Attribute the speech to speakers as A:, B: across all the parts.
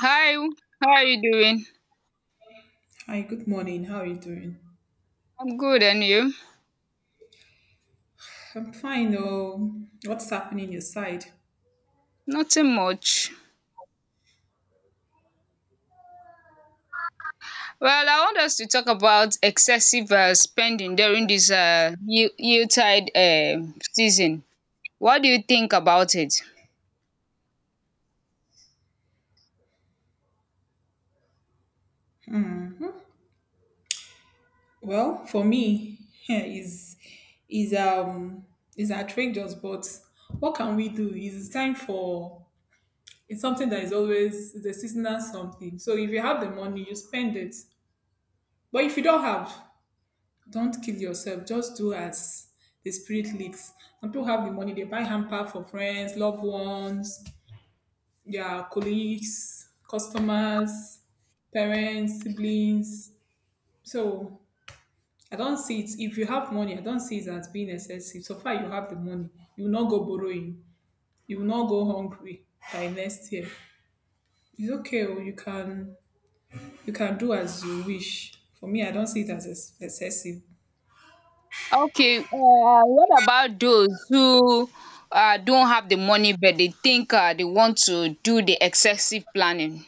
A: Hi, how are you doing?
B: Hi, good morning. How are you doing?
A: I'm good, and you?
B: I'm fine. Oh, what's happening your side?
A: Nothing much. Well, I want us to talk about excessive spending during this yield-tide season. What do you think about it?
B: Well, for me, is is um is outrageous, but what can we do? It's time for it's something that is always the seasonal something. So if you have the money, you spend it. But if you don't have, don't kill yourself. Just do as the spirit leads. Some people have the money, they buy hamper for friends, loved ones, yeah, colleagues, customers, parents, siblings. So I don't see it. If you have money, I don't see it as being excessive. So far, you have the money. You will not go borrowing. You will not go hungry by next year. It's okay. Oh, you can do as you wish. For me, I don't see it as excessive.
A: Okay, what about those who don't have the money but they think they want to do the excessive planning?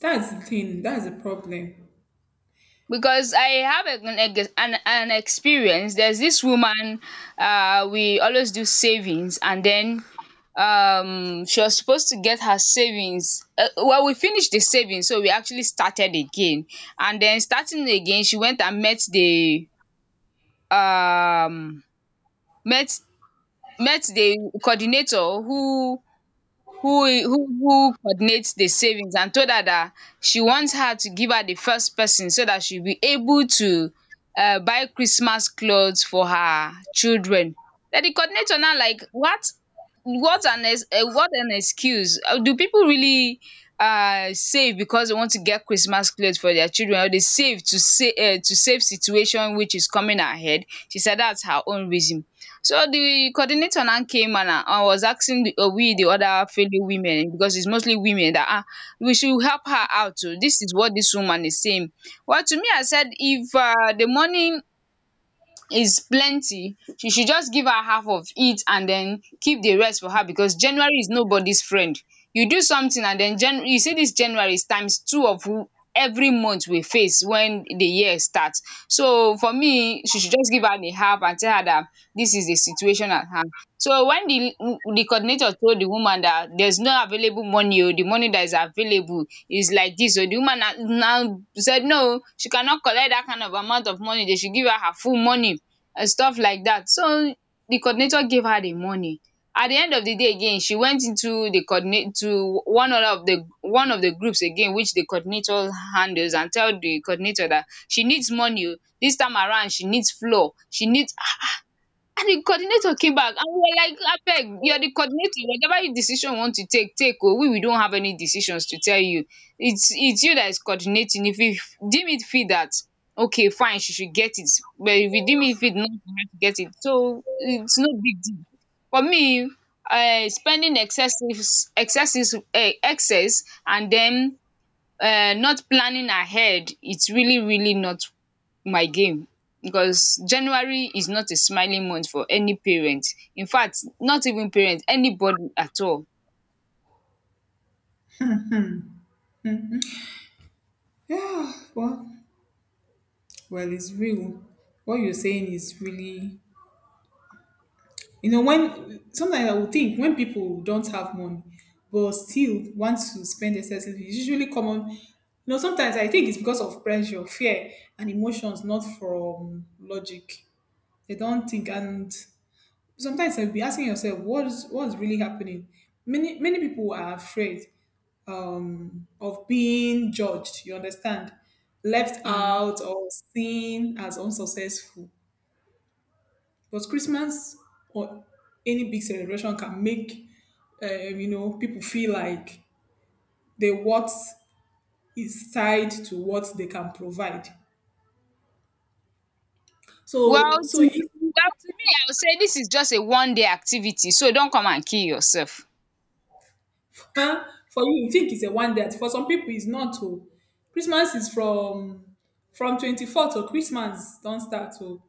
B: That's the thing. That's the problem.
A: Because I have a, an, ex- an experience. There's this woman, we always do savings, and then she was supposed to get her savings. Well, we finished the savings, so we actually started again. And then starting again, she went and met the um met met the coordinator who coordinates the savings and told her that she wants her to give her the first person so that she'll be able to buy Christmas clothes for her children. Then the coordinator now like what an excuse. Do people really save because they want to get Christmas clothes for their children or they save to save situation which is coming ahead? She said that's her own reason, so the coordinator now came and I was asking we the other fellow women, because it's mostly women that we should help her out. Oh. This is what this woman is saying. Well, to me, I said if the money is plenty she should just give her half of it and then keep the rest for her, because January is nobody's friend. You do something and then Jan you see this January is times two of who every month we face when the year starts. So for me she should just give her the half and tell her that this is the situation at hand. So when the coordinator told the woman that there's no available money o, the money that is available is like this. So the woman na now said no, she cannot collect that kind of amount of money, they should give her her full money and stuff like that. So the coordinator gave her the money. At the end of the day again, she went into the coordinate to one of the groups again, which the coordinator handles, and tell the coordinator that she needs money. Oh. This time around, she needs floor. She needs and the coordinator came back and we were like, abeg, you are the coordinator. Whatever you decision you want to take, take oh. We don't have any decisions to tell you. It's you that is coordinating. If you deem it fit that, okay, fine, she should get it. But if you deem it fit not for her to get it, so it's no big deal. For me, uh, spending excessive, excess, and then not planning ahead, it's really, really not my game, because January is not a smiling month for any parent. In fact, not even parent, anybody at all.
B: Yeah. Well, it's real. What you're saying is really… You know, when sometimes I would think when people don't have money but still want to spend excessively, it's usually common. You know, sometimes I think it's because of pressure, fear, and emotions, not from logic. They don't think, and sometimes I'll be asking yourself, what's really happening? Many people are afraid of being judged. You understand, left
A: Mm.
B: out or seen as unsuccessful. But Christmas or any big celebration can make, you know, people feel like the what is tied to what they can provide.
A: Well,
B: So so
A: to me,
B: if
A: well, to me, I would say this is just a one day activity, so don't come and kill yourself.
B: Huh? For you, you think it's a one day. For some people, it's not. Oh. Christmas is from 24th to… Christmas don't start. Oh.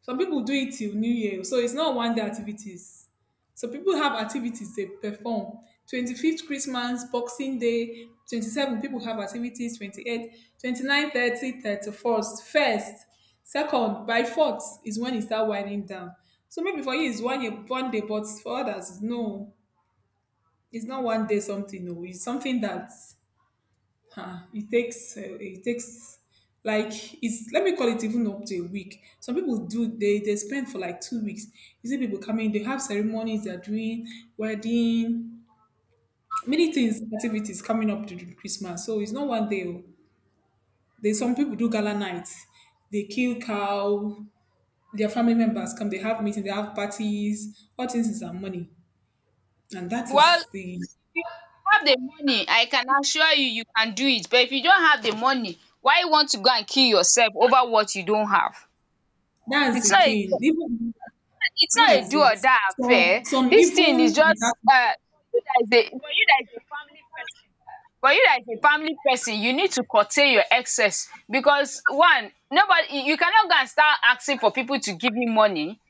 B: Some people do it till New Year. Oh. So it's not one day activities. So people have activities they perform. 25th Christmas, Boxing Day, 27 people have activities, 28, 29, 30, 31st, 1st, 2nd, by 4th is when it start winding down. So maybe for you it's one, year, one day, but for others, no, it's not one day something, no, it's something that, it takes like, it's let me call it, even up to a week. Some people do, they spend for like 2 weeks. You see people coming, they have ceremonies they're doing, wedding, many things, activities coming up to the Christmas, so it's not one day. Oh. There's some people do gala nights, they kill cow, their family members come, they have meetings, they have parties, all things is our money. And that is
A: Well, if
B: the
A: you have the money, I can assure you, you can do it. But if you don't have the money, why you want to go and kill yourself over what you don't have?
B: that's the
A: It's not a
B: thing even
A: It's not a
B: That's
A: do
B: it.
A: or die affair.
B: Some
A: This thing is
B: even
A: just
B: without
A: for you that is a for you that is a family person, you need to curtail your excess, because one nobody, you cannot go and start asking for people to give you money.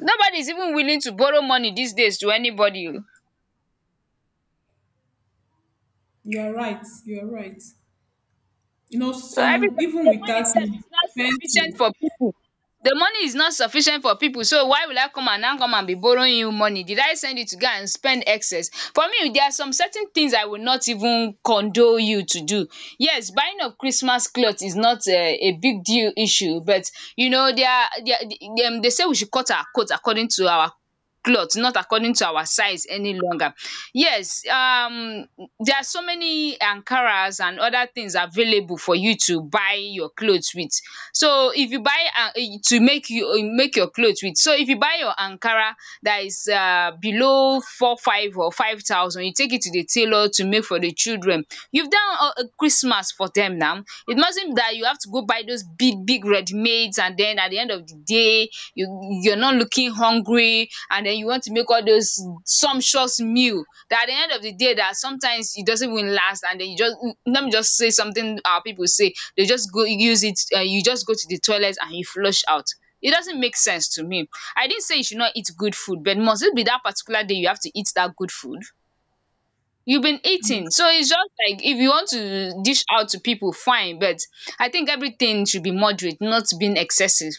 A: Nobody is even willing to borrow money these days to anybody oo.
B: You are right. You are right. You know,
A: So
B: some
A: everybody,
B: even
A: the money
B: without
A: itself
B: money
A: is not
B: spend
A: sufficient
B: to-
A: for people. The money is not sufficient for people. So why will I come and now come and be borrowing you money? Did I send you to go and spend excess? For me, there are some certain things I will not even condole you to do. Yes, buying of Christmas cloth is not a big deal issue, but you know, they say we should cut our coat according to our cloth, not according to our size any longer. Yes, there are so many ankaras and other things available for you to buy your clothes with. So if you buy, to make you, make your clothes with, so if you buy your ankara that is below four five or 5,000, you take it to the tailor to make for the children. You've done Christmas for them now. It mustn't that you have to go buy those big big readymades, and then at the end of the day you're not looking hungry, and then you want to make all those sumptuous meal, that at the end of the day, that sometimes it doesn't even last, and then you just let me just say something our people say, they just go use it, you just go to the toilet and you flush out. It doesn't make sense to me. I didn't say you should not eat good food, but must it be that particular day you have to eat that good food? You've been eating. So it's just like if you want to dish out to people, fine, but I think everything should be moderate, not being excessive.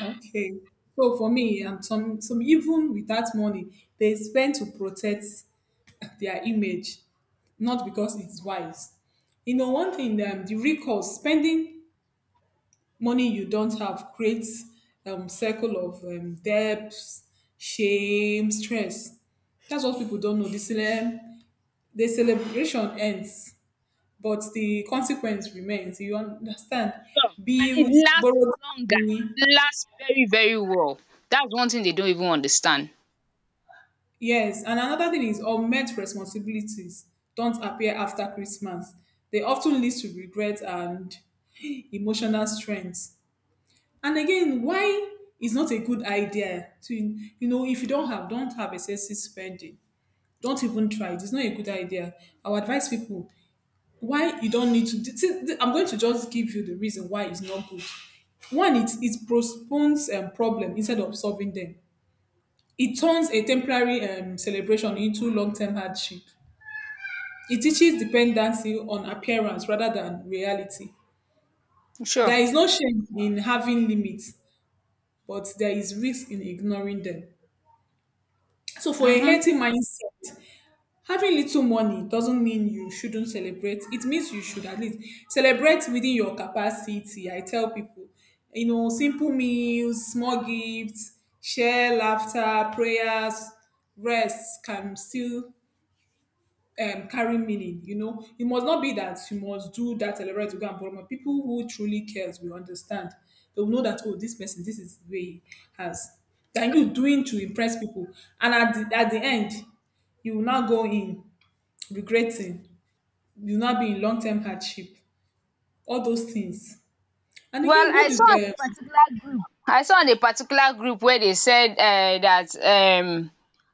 B: Okay. So for me, some even without money, they spend to protect their image, not because it's wise. You know, one thing, the recourse, spending money you don't have, creates circle of, debts, shame, stress. That's what people don't know. The celebration ends, but the consequence remains. You understand?
A: Sure. And it
B: Bills,
A: lasts
B: borrowed
A: longer,
B: money.
A: it lasts very very well. That's one thing they don't even understand.
B: Yes. And another thing is unmet responsibilities don't appear after Christmas. They often lead to regret and emotional strength. And again, why is not a good idea to, you know, if you don't have, excessive spending. Don't even try it. It's not a good idea. I would advise people why you don't need to. I'm going to just give you the reason why it's not good. One, it postpones, problem instead of solving them. It turns a temporary, celebration into long-term hardship. It teaches dependency on appearance rather than reality.
A: Sure.
B: There is no shame in having limits, but there is risk in ignoring them. So for a
A: Mhm.
B: healthy mindset, having little money doesn't mean you shouldn't celebrate. It means you should at least celebrate within your capacity. I tell people, you know, simple meals, small gifts, share laughter, prayers, rest can still, carry meaning. You know, it must not be that you must do that celebrate to go and borrow money. People who truly cares will understand. They will know that, oh, this person, this is the way he has. Than you doing to impress people, and at the, end, you will now go in regretting, you now be in long term hardship, all those things. And
A: Well,
B: again, what
A: i
B: do
A: saw on
B: the
A: a I saw on a particular group where they said that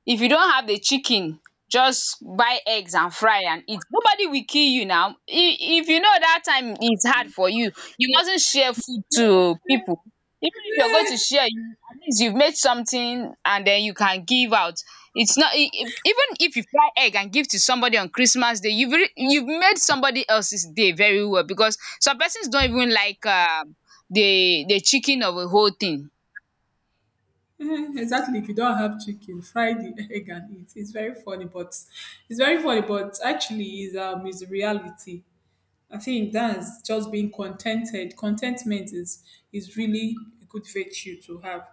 A: if you don't have the chicken, just buy eggs and fry and eat. Nobody will kill you now. If you know that time is hard for you, you mustn't share food to people. Even if you're going to
B: Yeah,
A: share, you at least you've made something and then you can give out. It's not even if you fry egg and give to somebody on Christmas day, you've made somebody else's day very well, because some persons don't even like the chicken of the whole thing.
B: mhm, exactly, if you don't have chicken, fry the egg and eat. It's very funny, but actually is, is reality. I think that's just being contented. Contentment is, really a good virtue to have.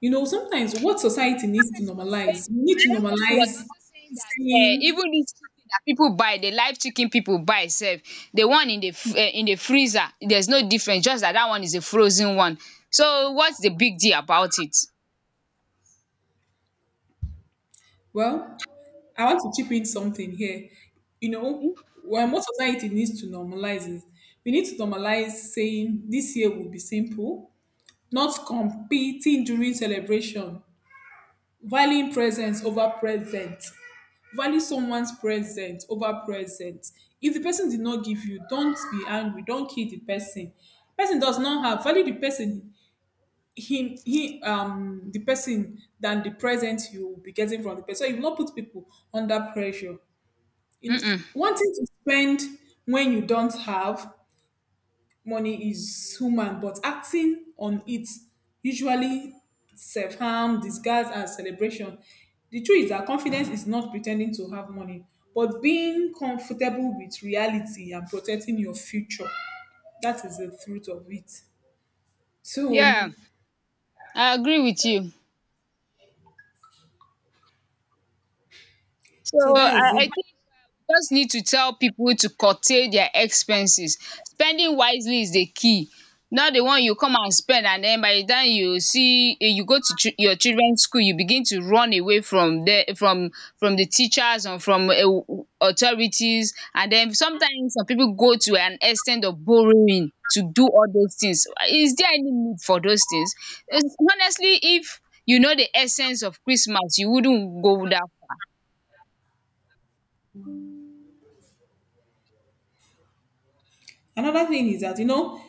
B: You know, sometimes
A: So
B: what society needs to normalize, we need to
A: another person was
B: normalize
A: also saying that
B: seeing…
A: even this chicken that people buy, the live chicken people buy itself, the one in the freezer, there's no difference, just that that one is a frozen one. So what's the big deal about it?
B: Well, I want to chip in something here. You know, why most society needs to normalize is we need to normalize saying this year will be simple, not competing during celebration, valuing presence over present, value someone's present over present. If the person did not give you, don't be angry, don't kill the person. Person does not have value the person, him he the person, than the present you will be getting from the person. So you will not put people under pressure,
A: um
B: you
A: um
B: wanting to spend when you don't have money is human, but acting on it usually self harm, disguise, and celebration. The truth is that confidence is not pretending to have money, but being comfortable with reality and protecting your future. That is the truth of it. So,
A: yeah, I agree with you. So
B: so that is
A: I
B: it.
A: think just need to tell people to curtail their expenses. Spending wisely is the key. Not the one you come and spend and then by the time you see, you go to your children's school, you begin to run away from the teachers and from authorities. And then sometimes some people go to an extent of borrowing to do all those things. Is there any need for those things? Eh, Honestly, if you know the essence of Christmas, you wouldn't go that.
B: Another thing is that, you know,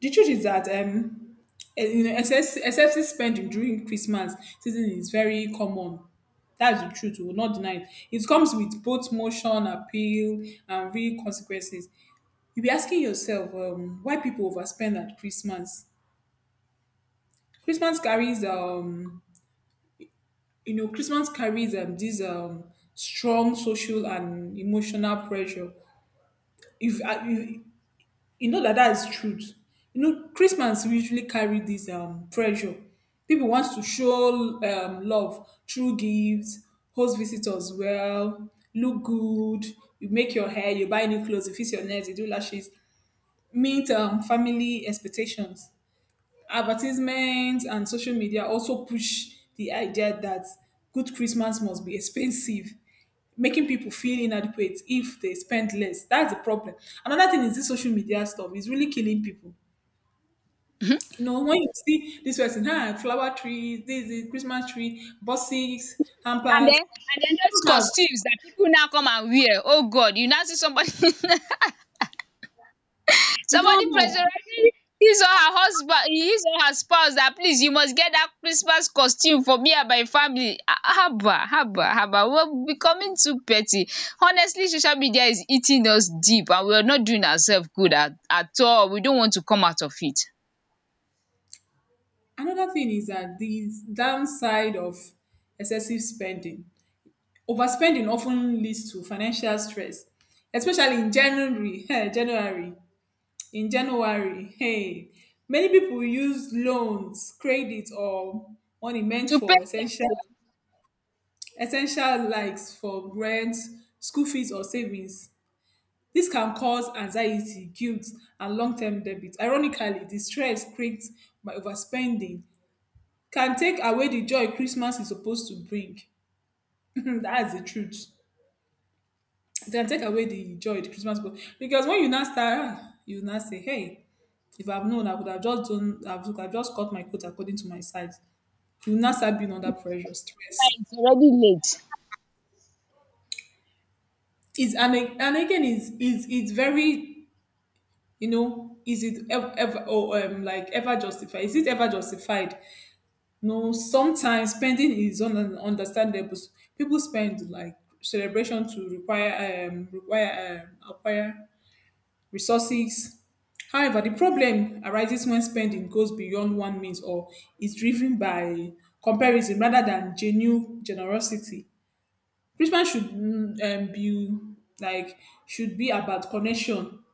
B: the truth is that, you know, excessive spending during Christmas season is very common. That's the truth. We will not deny it. It comes with both motion, appeal, and real consequences. You'll be asking yourself, why people overspend at Christmas. Christmas carries, you know, Christmas carries, this strong social and emotional pressure. If You know that that is truth. You know, Christmas usually carry this, pressure. People wants to show, love through gifts, host visitors well, look good, you make your hair, you buy new clothes, you fix your nails, you do lashes, meet, family expectations. Advertisements and social media also push the idea that good Christmas must be expensive, making people feel inadequate if they spend less. That's the problem. Another thing is this social media stuff is really killing people. You know, when you see this person, huh, flower trees, this is Christmas tree, buses,
A: And
B: hampers,
A: then and then
B: you
A: those
B: don't have.
A: costumes that people now come and wear, oh God, you now see somebody somebody
B: You don't have.
A: pressurizing his or her husband, his or her spouse, that please you must get that Christmas costume for me and my family. Ah ah, haba haba haba, we're becoming too petty. Honestly, social media is eating us deep, and we're not doing ourself good at all. We don't want to come out of it.
B: Another thing is that the downside of excessive spending. Overspending often leads to financial stress, especially in January. Hey, January. In January, hey, many people use loans, credit, or money meant
A: To pay
B: for
A: debt, oh, now
B: essential, likes for rent, school fees, or savings. This can cause anxiety, guilt, and long term debit. Ironically, the stress created by overspending can take away the joy Christmas is supposed to bring. That's the truth. It can take away the joy the because when you now start, ah, you now say, "Hey, if I've known, I would have just done. I would have just cut my coat according to my size." You now start being under pressure, stress.
A: it's already late.
B: Is and a- and again, is it's very, you know, is it ever, ever or like ever justified? Is it ever justified? No, sometimes spending is understandable. People spend like celebration to require require acquire resources. However, the problem arises when spending goes beyond one means or is driven by comparison rather than genuine generosity. Christmas should, be like, should be about connection,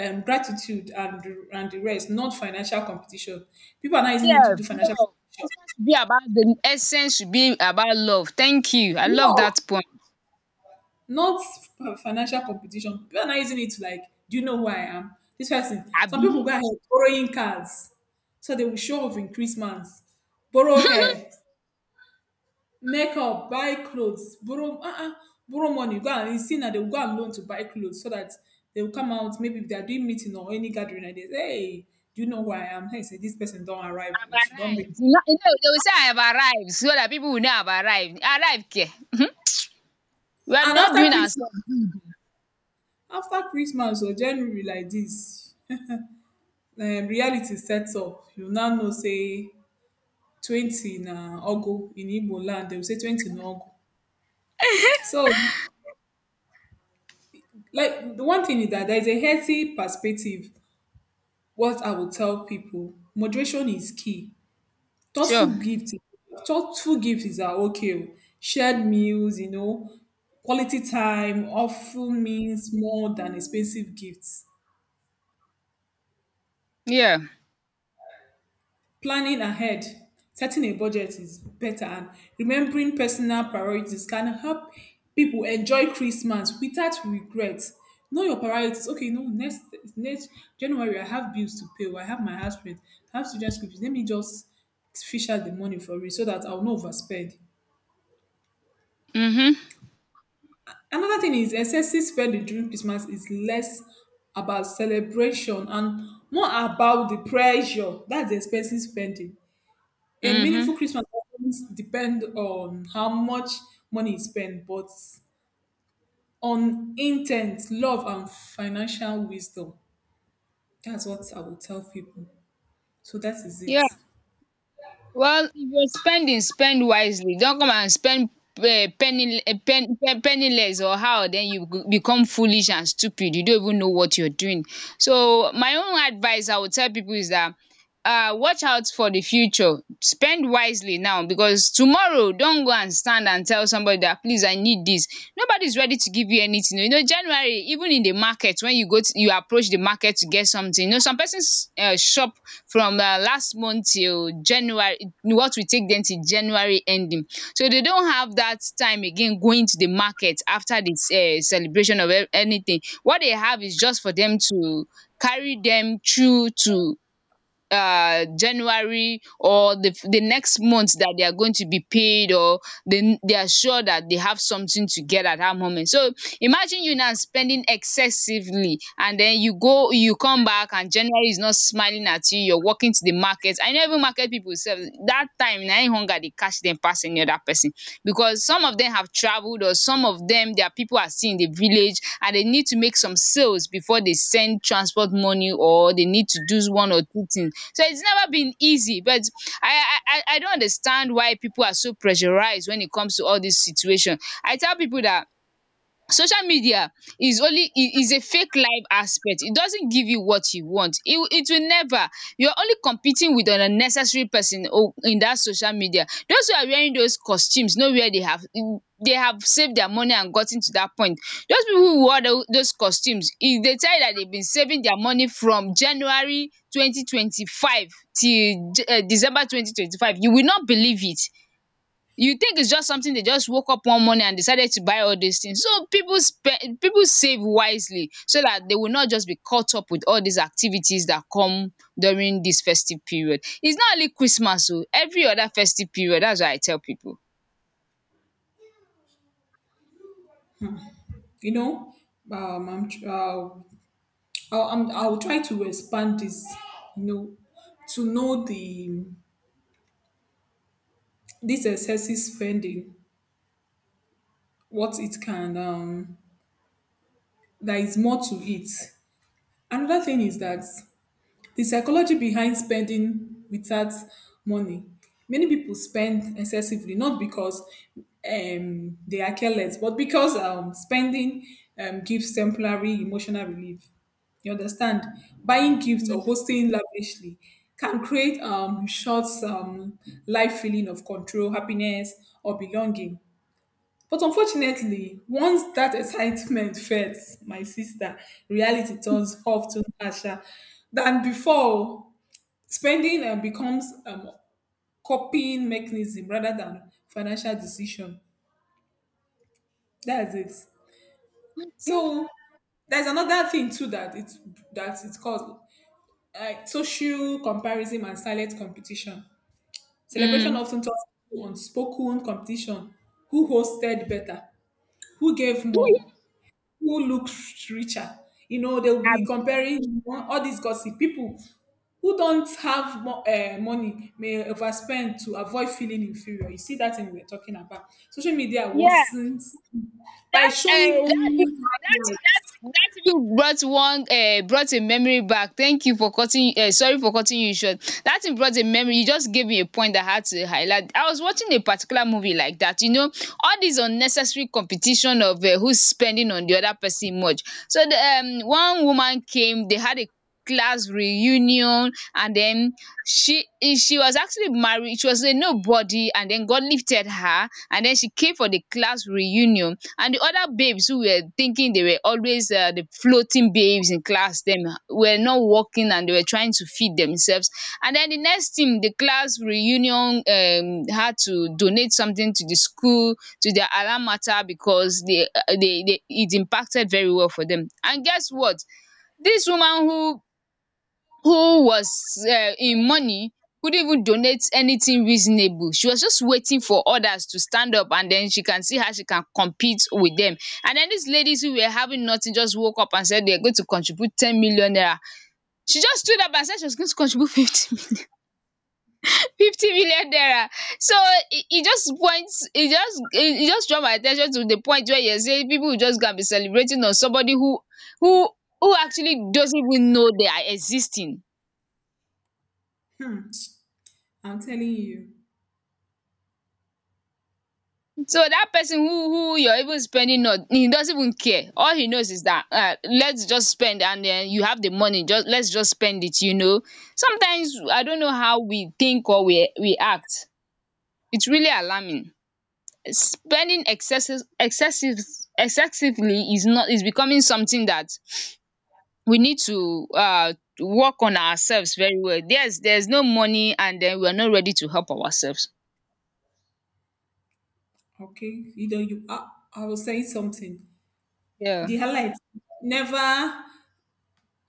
B: gratitude, and the rest, not financial competition. People are not using it to
A: Yes,
B: do financial.
A: love. Christmas should be about the essence, should be about love. Thank you. I love
B: No,
A: that point.
B: not financial competition. People are not using it to like, do you know who I am? This person. Some people
A: Abi,
B: go ahead borrowing cars, so they will show off in Christmas, borrow hair, makeup, buy clothes, borrow borrow money. Go and you see now, they will go and loan to buy clothes so that they will come out. Maybe if they are doing meeting or any gathering like this, hey, do you know who I am? Hey, say this person don't arrive.
A: I've
B: Oh, she don't make.
A: arrived. You know, they will say I have arrived so that people will know I've arrived. Arrived, care. We are
B: And
A: not doing ourselves.
B: After Christmas or January like this, reality set up, you now know say 20 na Ogu in Igbo land. They will say 20 na Ogu. So, like, the one thing is that there is a healthy perspective. What I will tell people, moderation is key. Thoughtful
A: Sure.
B: gift, thoughtful gifts are okay. Oh. Shared meals, you know, quality time often means more than expensive gifts.
A: Yeah.
B: Planning ahead, setting a budget is better, and remembering personal priorities can help people enjoy Christmas without regret. Know your priorities. Okay, no, next January I have bills to pay, or I have my house rent, I have student school fees. Let me just fish out the money for it so that I'll not overspend.
A: Mm-hmm.
B: Another thing is excessive spending during Christmas is less about celebration and more about the pressure. That's the expensive spending. A
A: Mm-hmm.
B: meaningful Christmas doesn't depend on how much money is spent, but on intent, love, and financial wisdom. That's what I will tell people. So that is it.
A: Yeah. Well, if you're spending, spend wisely. Don't come and spend penny, eh, pen, pen, penniless or how, then you become foolish and stupid. You don't even know what you're doing. So my own advice I would tell people is that, watch out for the future. Spend wisely now, because tomorrow, don't go and stand and tell somebody that please I need this. Nobody's ready to give you anything. You know, January, even in the market when you approach the market to get something. Some person's shop from last month till January, what we take them till January ending, so they don't have that time again going to the market after this celebration of anything, what they have is just for them to carry them through to January or the next month that they are going to be paid, or they are sure that they have something to get at that moment. So imagine you now spending excessively, and then you go, you come back, and January is not smiling at you. You're walking to the market and know even market people sef, that time na im hunger dey catch them pass any other person, because some of them have traveled or some of them their people are still in the village and they need to make some sales before they send transport money, or they need to do one or two things. So it's never been easy, but I don't understand why people are so pressurized when it comes to all this situation. I tell people that social media is a fake life aspect. It doesn't give you what you want. It will never. You're only competing with an unnecessary person in that social media. Those who are wearing those costumes know where they have saved their money and gotten to that point. Those people who wore those costumes, if they tell you that they've been saving their money from January 2025 till December 2025, you will not believe it. You think it's just something they just woke up one morning and decided to buy all these things. So people spend, people save wisely, so that they will not just be caught up with all these activities that come during this festive period. It's not only Christmas, so every other festive period. That's what I tell people.
B: You know, I'm, tr- I'll, I'm, I'll try to expand this. You know, to know the this excessive spending, what it can there is more to it. Another thing is that the psychology behind spending without money. Many people spend excessively, not because they are careless, but because spending gives temporary emotional relief. You understand? Buying gifts or
A: Mhm.
B: hosting lavishly can create short life feeling of control, happiness, or belonging. But unfortunately, once that excitement fades, my sister, reality turns often harsher than before. Spending becomes coping mechanism rather than financial decision. That's it. So there's another thing too that it's called social comparison and silent competition. Celebration
A: Mm.
B: often talks to unspoken competition. Who hosted better? Who gave more? Who looks richer. You know, they'll be comparing, you know, all these gossip. People who don't have money may overspend to avoid feeling inferior. You see that thing we're talking about. Social media
A: Yeah,
B: wasn't by
A: that
B: showing
A: um that
B: only
A: that that
B: highlights.
A: that even brought a memory back. Thank you for cutting, sorry for cutting you short. That thing brought a memory. You just gave me a point that I had to highlight. I was watching a particular movie like that, you know, all this unnecessary competition of who's spending on the other person much. So the one woman came, they had a class reunion, and then she was actually married, she was a nobody, and then God lifted her, and then she came for the class reunion. And the other babes who were thinking they were always the floating babes in class, them were not working and they were trying to feed themselves. And then the next thing, the class reunion had to donate something to the school, to their alma mater, because it impacted very well for them. And guess what? This woman who was in money couldn't even donate anything reasonable. She was just waiting for others to stand up and then she can see how she can compete with them. And then these ladies who were having nothing just woke up and said they're going to contribute 10 million naira. She just stood up and said she was going to contribute 50 50 million naira. So it e just draw my attention to the point where you say people will just go and be celebrating on somebody who who actually doesn't even know they are existing.
B: Hmm, I'm telling you,
A: So that person who you're even spending on, he doesn't even care. All he knows is that let's just spend, and then you have the money. Just let's just spend it. You know. Sometimes I don't know how we think or we act. It's really alarming. Spending excessively is not, is becoming something that we need to work on ourselves very well. There's no money, and then we're not ready to help ourselves.
B: okay. I was saying something.
A: Yeah,
B: The highlight never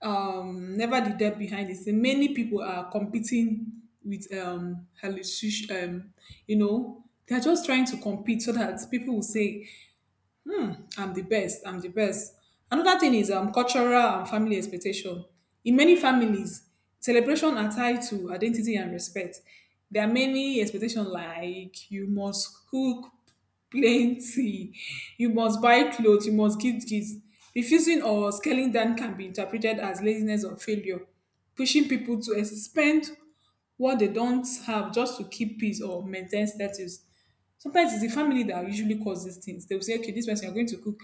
B: never the depth behind the scene. Many people are competing with hallucination. You know, they're just trying to compete so that people will say, I'm the best, I'm the best. Another thing is cultural and family expectation. In many families, celebration are tied to identity and respect. There are many expectations like you must cook plenty, you must buy clothes, you must give gifts. Refusing or scaling down can be interpreted as laziness or failure, pushing people to spend what they don't have just to keep peace or maintain status. Sometimes it's the family that usually cause these things. They will say, okay, this person, you're going to cook.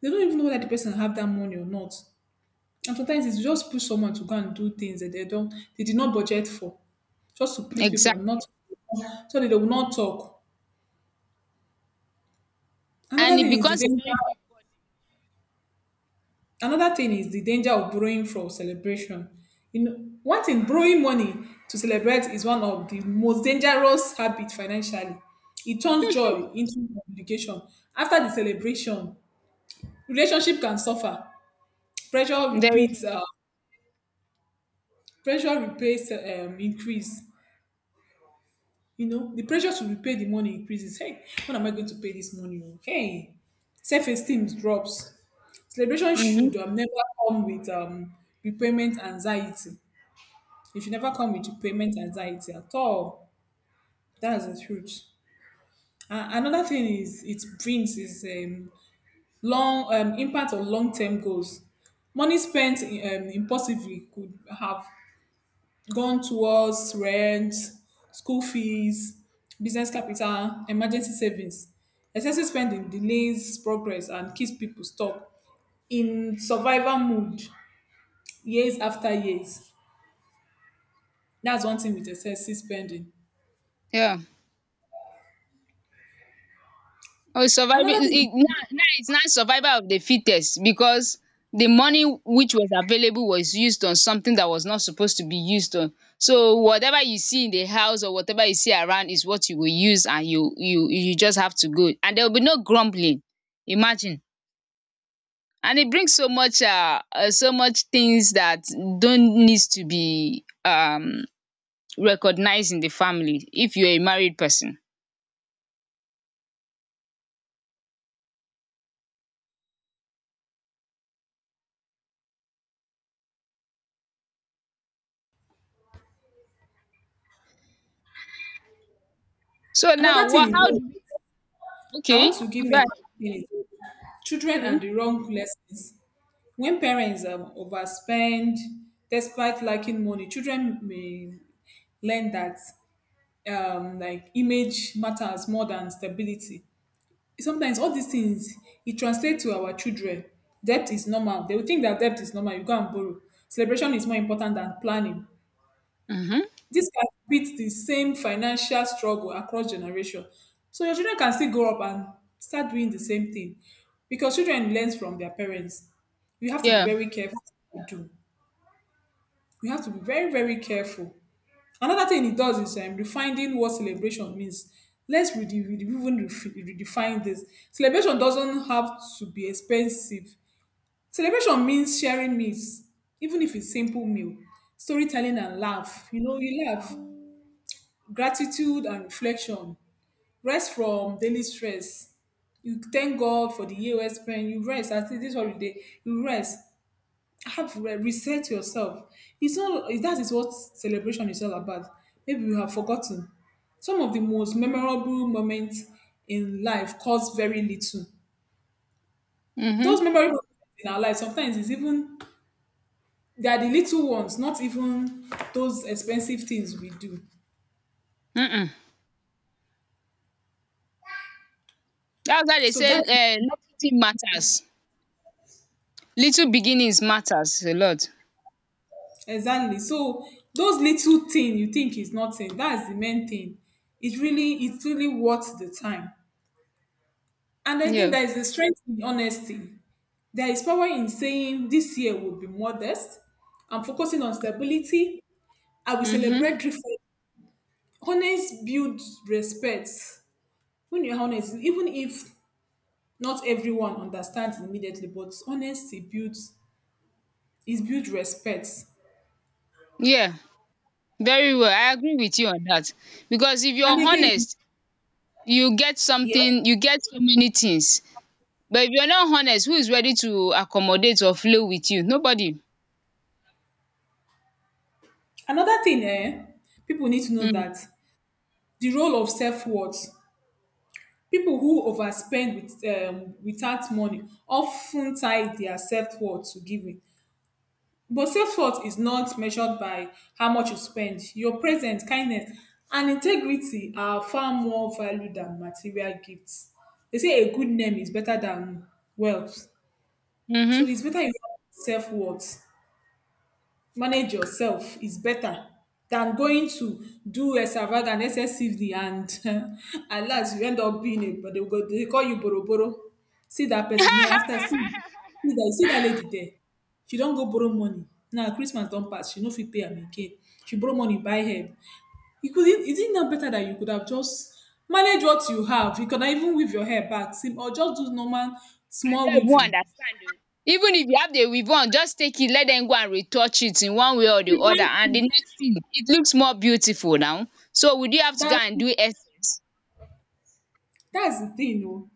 B: They don't even know whether the person have that money or not. And sometimes it's just push someone to go and do things that they did not budget for, just to please people and not,
A: exactly.
B: so that they will not talk. Another
A: And it
B: thing is the
A: becomes a
B: danger.
A: very
B: Another thing is the danger of borrowing for celebration. You know, one thing, borrowing money to celebrate is one of the most dangerous habits financially. It turns joy into obligation. After the celebration, relationship can suffer pressure
A: very.
B: repeats pressure repays increase, you know, the pressure to repay the money increases. Hey, when am I going to pay this money, oh? Hey, self-esteem drops. Celebration
A: Mhm.
B: should never come with repayment anxiety. It should never come with repayment anxiety at all. That's the truth. Another thing is it brings is long impact on long-term goals. Money spent impulsively could have gone towards rent, school fees, business capital, emergency savings. Excessive spending delays progress and keeps people stuck in survival mode years after years. That's one thing with excessive spending.
A: Yeah. Oh, surviving
B: Another thing,
A: it, now it's not survival of the fittest, because the money which was available was used on something that was not supposed to be used on. So whatever you see in the house or whatever you see around is what you will use, and you just have to go, and there will be no grumbling. Imagine, and it brings so much so much things that don't needs to be recognized in the family if you're a married person. So now,
B: another thing
A: what? How?
B: is, I want
A: Okay,
B: to give you
A: go ahead.
B: another thing is children
A: Okay.
B: and the wrong lessons. When parents overspend despite lacking money, children may learn that like image matters more than stability. Sometimes all these things it translates to our children. Debt is normal. They will think that debt is normal. You go and borrow. Celebration is more important than planning.
A: Mhm.
B: This can beat the same financial struggle across generation. So your children can still grow up and start doing the same thing, because children learn from their parents. You have to be
A: Yeah,
B: very careful what you do. You have to be very very careful. Another thing it does is refining what celebration means. Let's redefine this. Celebration doesn't have to be expensive. Celebration means sharing meals, even if it's simple meal, storytelling and laugh. You know, you laugh, gratitude and reflection, rest from daily stress. You thank God for the year well spent. You rest at this holiday. You rest, have reset yourself. It's not it- That is what celebration is all about. Maybe you have forgotten. Some of the most memorable moments in life cost very little. Those
A: mhm.
B: memorable moments in our life sometimes is even they are the little ones, not even those expensive things we do.
A: Mm. That's why they
B: So
A: say,
B: that's
A: little thing matters. Little beginnings matters a lot.
B: exactly, so those little thing you think is nothing, that's the main thing. It's really worth the time. And again,
A: Yeah.
B: there is a strength in honesty. There is power in saying this year will be modest. I'm focusing on stability. I will
A: Mhm.
B: celebrate different. Honest builds respect. When you're honest, even if not everyone understands immediately, but honesty build respect.
A: Yeah, very well. I agree with you on that. Because if
B: And
A: you're
B: again,
A: honest, you get
B: yes,
A: something, you get so many things. But if you're not honest, who is ready to accommodate or flow with you? Nobody.
B: another thing, eh, people need to know
A: Mm.
B: that the role of self worth. People who overspend with, without money often tie their self-worth to giving, but self-worth is not measured by how much you spend. Your presence, kindness, and integrity are far more value than material gifts. They say a good name is better than wealth. So
A: Mhm.
B: it's better you have self-worth, manage yourself is better than going to do extravagant excessively, and at last you end up being a, but they go they call you borrow borrow. See that person, then after, see that lady there. She don go borrow money. Now Christmas don pass, she no fit pay am again. She borrow money buy hair. You could, is it not better that you could have just manage what you have. You could have even weave your hair back sim, or just do normal small
A: Dem won
B: weaving.
A: understand o, even if you have the weave-on, just take it, let them go and retouch it in one way or the other, and the next thing, it looks more beautiful. Now so would you have to go
B: Than,
A: and do essence.
B: that's the thing oh.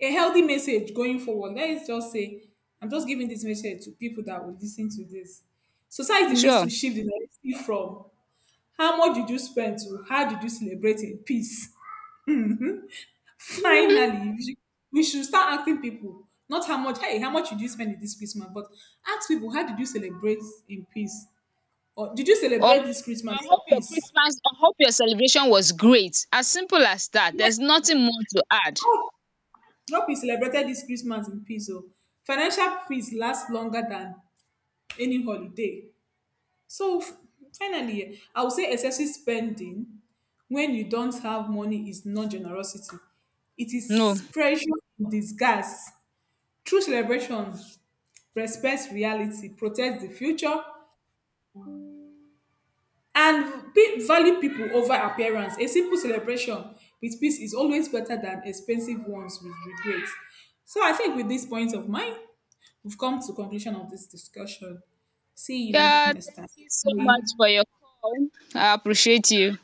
B: A healthy message going forward. Let's just say, I'm just giving this message to people that will listen to this. Society needs
A: Sure.
B: to shift the narrative from how much did you spend to how did you celebrate in peace.
A: Mhm.
B: Finally, we should, we should start asking people, not how much, hey, how much did you spend in this Christmas, but ask people, how did you celebrate in peace? Or did you
A: Or
B: celebrate this Christmas
A: I
B: in
A: hope
B: peace?
A: Your celebration was great, as simple as that. There's
B: Yes,
A: nothing more to add.
B: hope hope you celebrated this Christmas in peace. Oh. Financial peace lasts longer than any holiday. So finally, I would say excessive spending when you don't have money is not generosity. It
A: No.
B: is pressure in disguise. True celebration respects reality, protects the future, and value people over appearance. A simple celebration with peace is always better than expensive ones with regret. So I think with these points of mine, we've come to conclusion of this discussion. See you
A: Yeah,
B: next
A: thank
B: time.
A: you so
B: Bye.
A: much for your call. I appreciate you.